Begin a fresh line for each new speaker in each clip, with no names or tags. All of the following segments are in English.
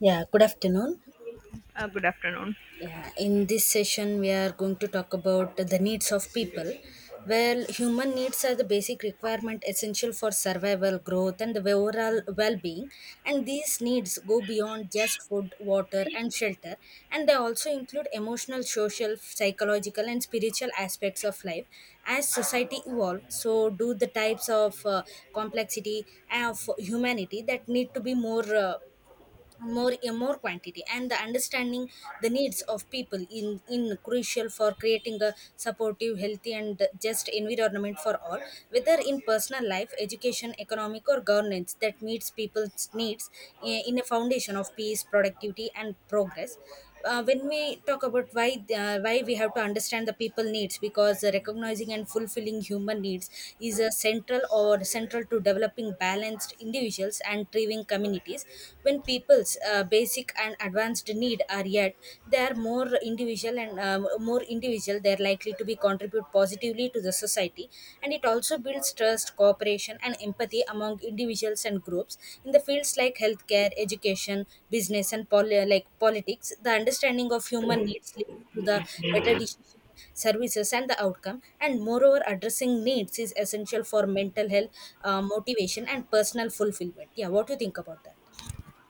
Yeah, good afternoon.
Good afternoon.
Yeah, in this session, we are going to talk about the needs of people. Well, human needs are the basic requirement essential for survival, growth, and the overall well being. And these needs go beyond just food, water, and shelter. And they also include emotional, social, psychological, and spiritual aspects of life. As society evolves, so do the types of complexity of humanity that need to be more. More a more quantity and the understanding the needs of people in crucial for creating a supportive healthy and just environment for all, whether in personal life, education, economic, or governance, that meets people's needs, in a foundation of peace, productivity, and progress. When we talk about why we have to understand the people needs, because recognizing and fulfilling human needs is a central or central to developing balanced individuals and thriving communities. When people's basic and advanced need are yet, they are more individual and more individual, they are likely to be contribute positively to the society. And it also builds trust, cooperation, and empathy among individuals and groups in the fields like healthcare, education, business, and like politics. The understanding of human needs leads to the better decision, services, and the outcome. And moreover, addressing needs is essential for mental health, motivation, and personal fulfillment. Yeah, what do you think about that?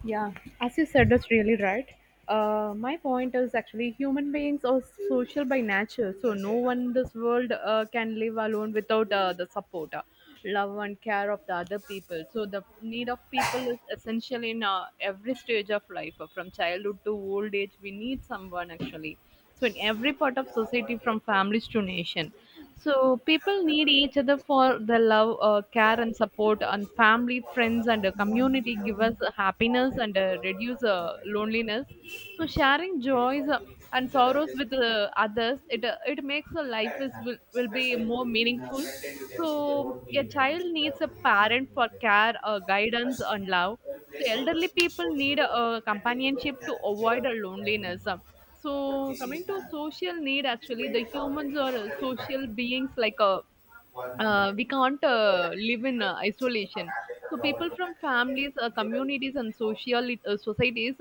Yeah, as you said, that's really right. My point is actually human beings are social by nature, so no one in this world can live alone without the support, love, and care of the other people. So the need of people is essential in every stage of life, from childhood to old age. We need someone actually. So in every part of society, from families to nation. So people need each other for the love, care, and support, and family, friends, and a community give us happiness and reduce loneliness. So sharing joys and sorrows with others, it makes the life is will be more meaningful. So a child needs a parent for care, guidance, and love. So elderly people need a companionship to avoid a loneliness. So coming to social need, actually, the humans are social beings like a we can't live in isolation. So people from families, communities, and social societies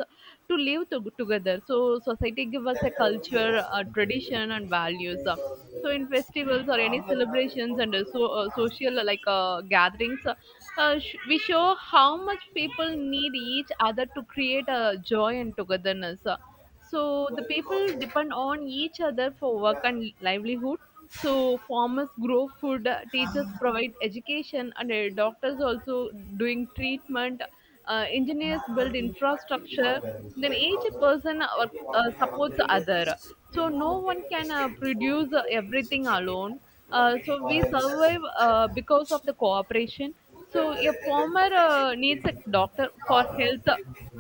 to live together. So society give us a culture, a tradition, and values. So in festivals or any celebrations and social gatherings, we show how much people need each other to create a joy and togetherness. So the people depend on each other for work and livelihood, so farmers grow food, teachers provide education, and doctors also doing treatment. Engineers build infrastructure. Then each person supports other. So no one can produce everything alone. So we survive because of the cooperation. So a farmer needs a doctor for health,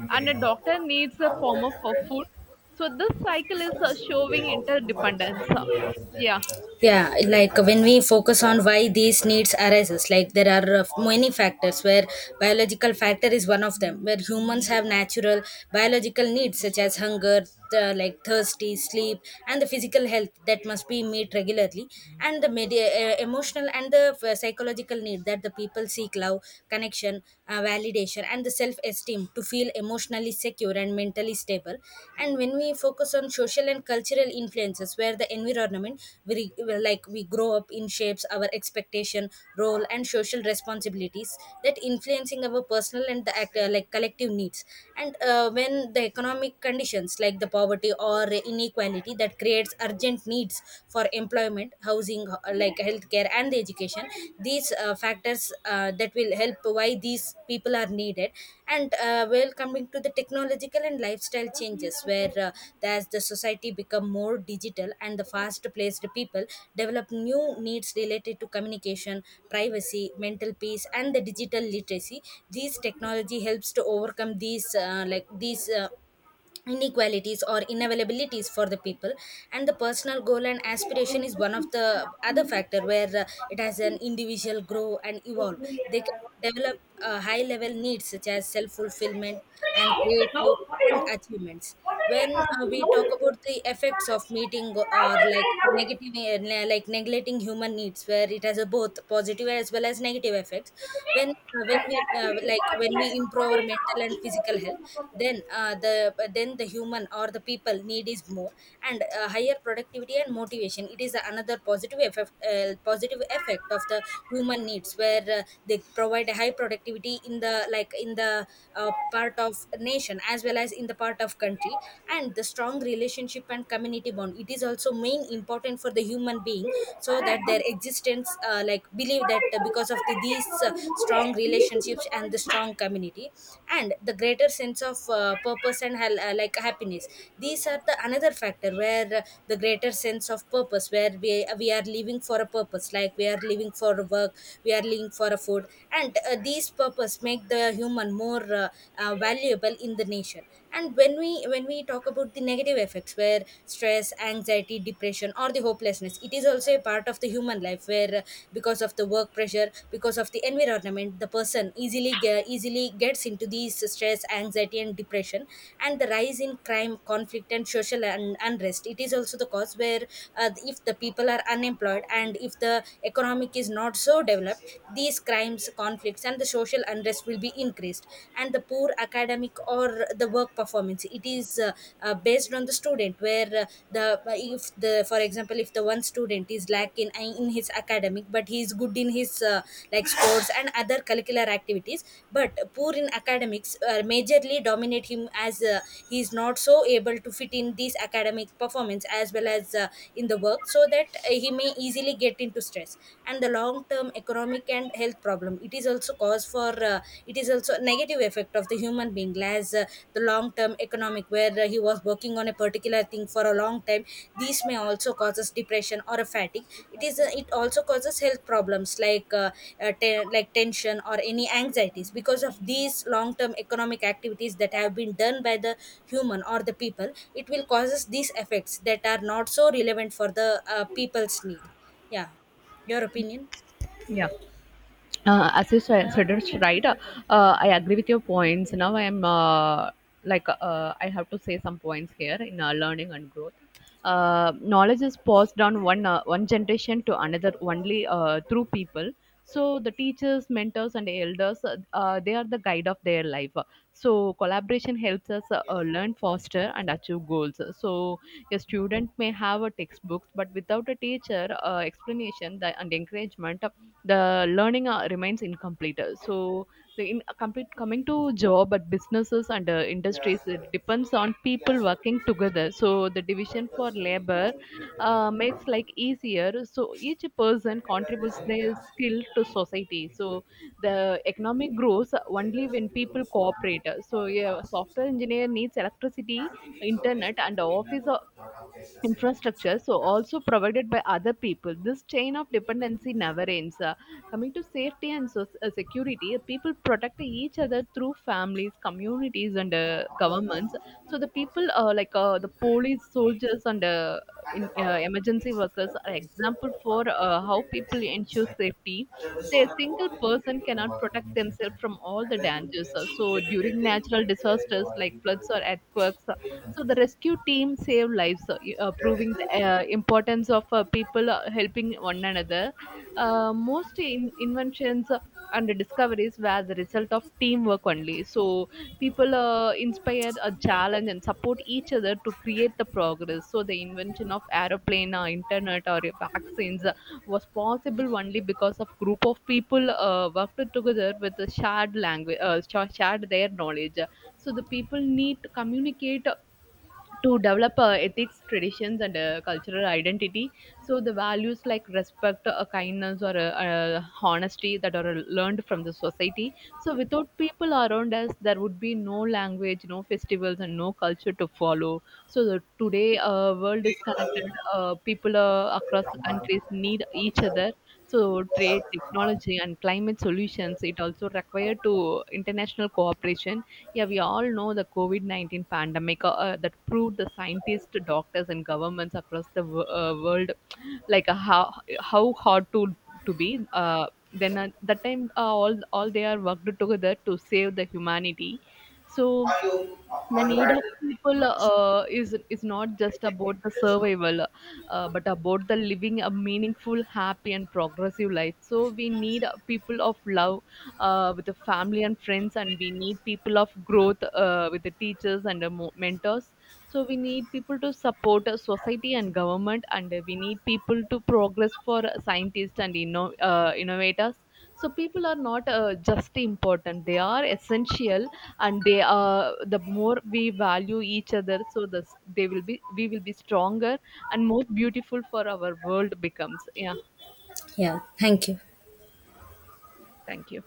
and a doctor needs a farmer for food. So this cycle is showing interdependence. Yeah.
Yeah, when we focus on why these needs arises, like there are many factors where biological factor is one of them, where humans have natural biological needs such as hunger, like thirsty, sleep, and the physical health that must be met regularly. And the media, emotional and the psychological need that the people seek love, connection, validation, and the self esteem to feel emotionally secure and mentally stable. And when we focus on social and cultural influences, where the environment we, like we grow up in shapes our expectation, role, and social responsibilities that influencing our personal and like collective needs. And when the economic conditions like the poverty or inequality that creates urgent needs for employment, housing, like healthcare and the education, these factors that will help why these people are needed. And well, coming to the technological and lifestyle changes, where as the society become more digital and the fast placed, people develop new needs related to communication, privacy, mental peace, and the digital literacy. These technology helps to overcome these like these inequalities or inavailabilities for the people. And the personal goal and aspiration is one of the other factor, where it has an individual grow and evolve, they can develop high level needs such as self fulfillment, and creative, and achievements. When we talk about the effects of meeting or like negative, like neglecting human needs, where it has a both positive as well as negative effects. When when we like when we improve our mental and physical health, then then the human or the people need is more. And higher productivity and motivation, it is another positive effect, positive effect of the human needs, where they provide a high productivity in the like in the part of nation as well as in the part of country. And the strong relationship and community bond, it is also main important for the human being, so that their existence like believe that because of the, these strong relationships and the strong community, and the greater sense of purpose and like happiness. These are the another factor where, the greater sense of purpose, where we are living for a purpose, like we are living for work, we are living for a food. And these purpose make the human more valuable in the nation. And when we talk about the negative effects, where stress, anxiety, depression, or the hopelessness, it is also a part of the human life, where because of the work pressure, because of the environment, the person easily easily gets into these stress, anxiety, and depression. And the rise in crime, conflict, and social unrest, it is also the cause where if the people are unemployed, and if the economic is not so developed, these crimes, conflicts, and the social unrest will be increased. And the poor academic or the work performance, it is based on the student, where the if the, for example, if the one student is lack in his academic, but he is good in his like sports and other curricular activities, but poor in academics, majorly dominate him as he is not so able to fit in these academic performance as well as in the work, so that he may easily get into stress. And the long term economic and health problem, it is also cause for it is also negative effect of the human being, as the long term economic, where he was working on a particular thing for a long time, these may also causes depression or a fatigue. It also causes health problems like like tension or any anxieties, because of these long term economic activities that have been done by the human or the people, it will causes these effects that are not so relevant for the people's need. Yeah, your opinion?
Yeah. As you said, suggested, right? I agree with your points. Now I am I have to say some points here in learning and growth. Knowledge is passed down one generation to another only through people. So the teachers, mentors, and elders, they are the guide of their life. So collaboration helps us learn faster and achieve goals. So a student may have a textbook, but without a teacher explanation the, and encouragement, the learning remains incomplete. So the in, complete coming to job at businesses and industries, it depends on people working together. So the division for labor makes like easier. So each person contributes their skill to society. So the economic grows only when people cooperate. So a software engineer needs electricity, internet, and office infrastructure, so also provided by other people. This chain of dependency never ends. Coming to safety and so, security, people protect each other through families, communities, and governments. So the people the police, soldiers, and emergency workers are example for how people ensure safety. Say a single person cannot protect themselves from all the dangers. So during natural disasters like floods or earthquakes, so the rescue team saved lives, proving the importance of people helping one another. Most inventions and discoveries were the result of teamwork only. So people inspired a challenge and support each other to create the progress. So the invention of aeroplane, or internet, or vaccines was possible only because of group of people worked together with a shared language, shared their knowledge. So the people need to communicate to develop ethics, traditions, and cultural identity. So the values like respect, kindness, or honesty that are learned from the society. So without people around us, there would be no language, no festivals, and no culture to follow. So the, today, world is connected. People across the countries need each other. So trade, technology, and climate solutions. It also require to international cooperation. Yeah, we all know the COVID 19 pandemic that proved the scientists, doctors, and governments across the world, like uh, how how hard to be. Then at that time, all they are worked together to save the humanity. So the need of people is not just about the survival, but about the living a meaningful, happy, and progressive life. So we need people of love with the family and friends, and we need people of growth with the teachers and the mentors, so we need people to support society and government, and we need people to progress for scientists and innovators. So people are not just important, they are essential, and they are the more we value each other, so this they will be we will be stronger and more beautiful for our world becomes. Yeah,
Yeah, thank you.
thank you.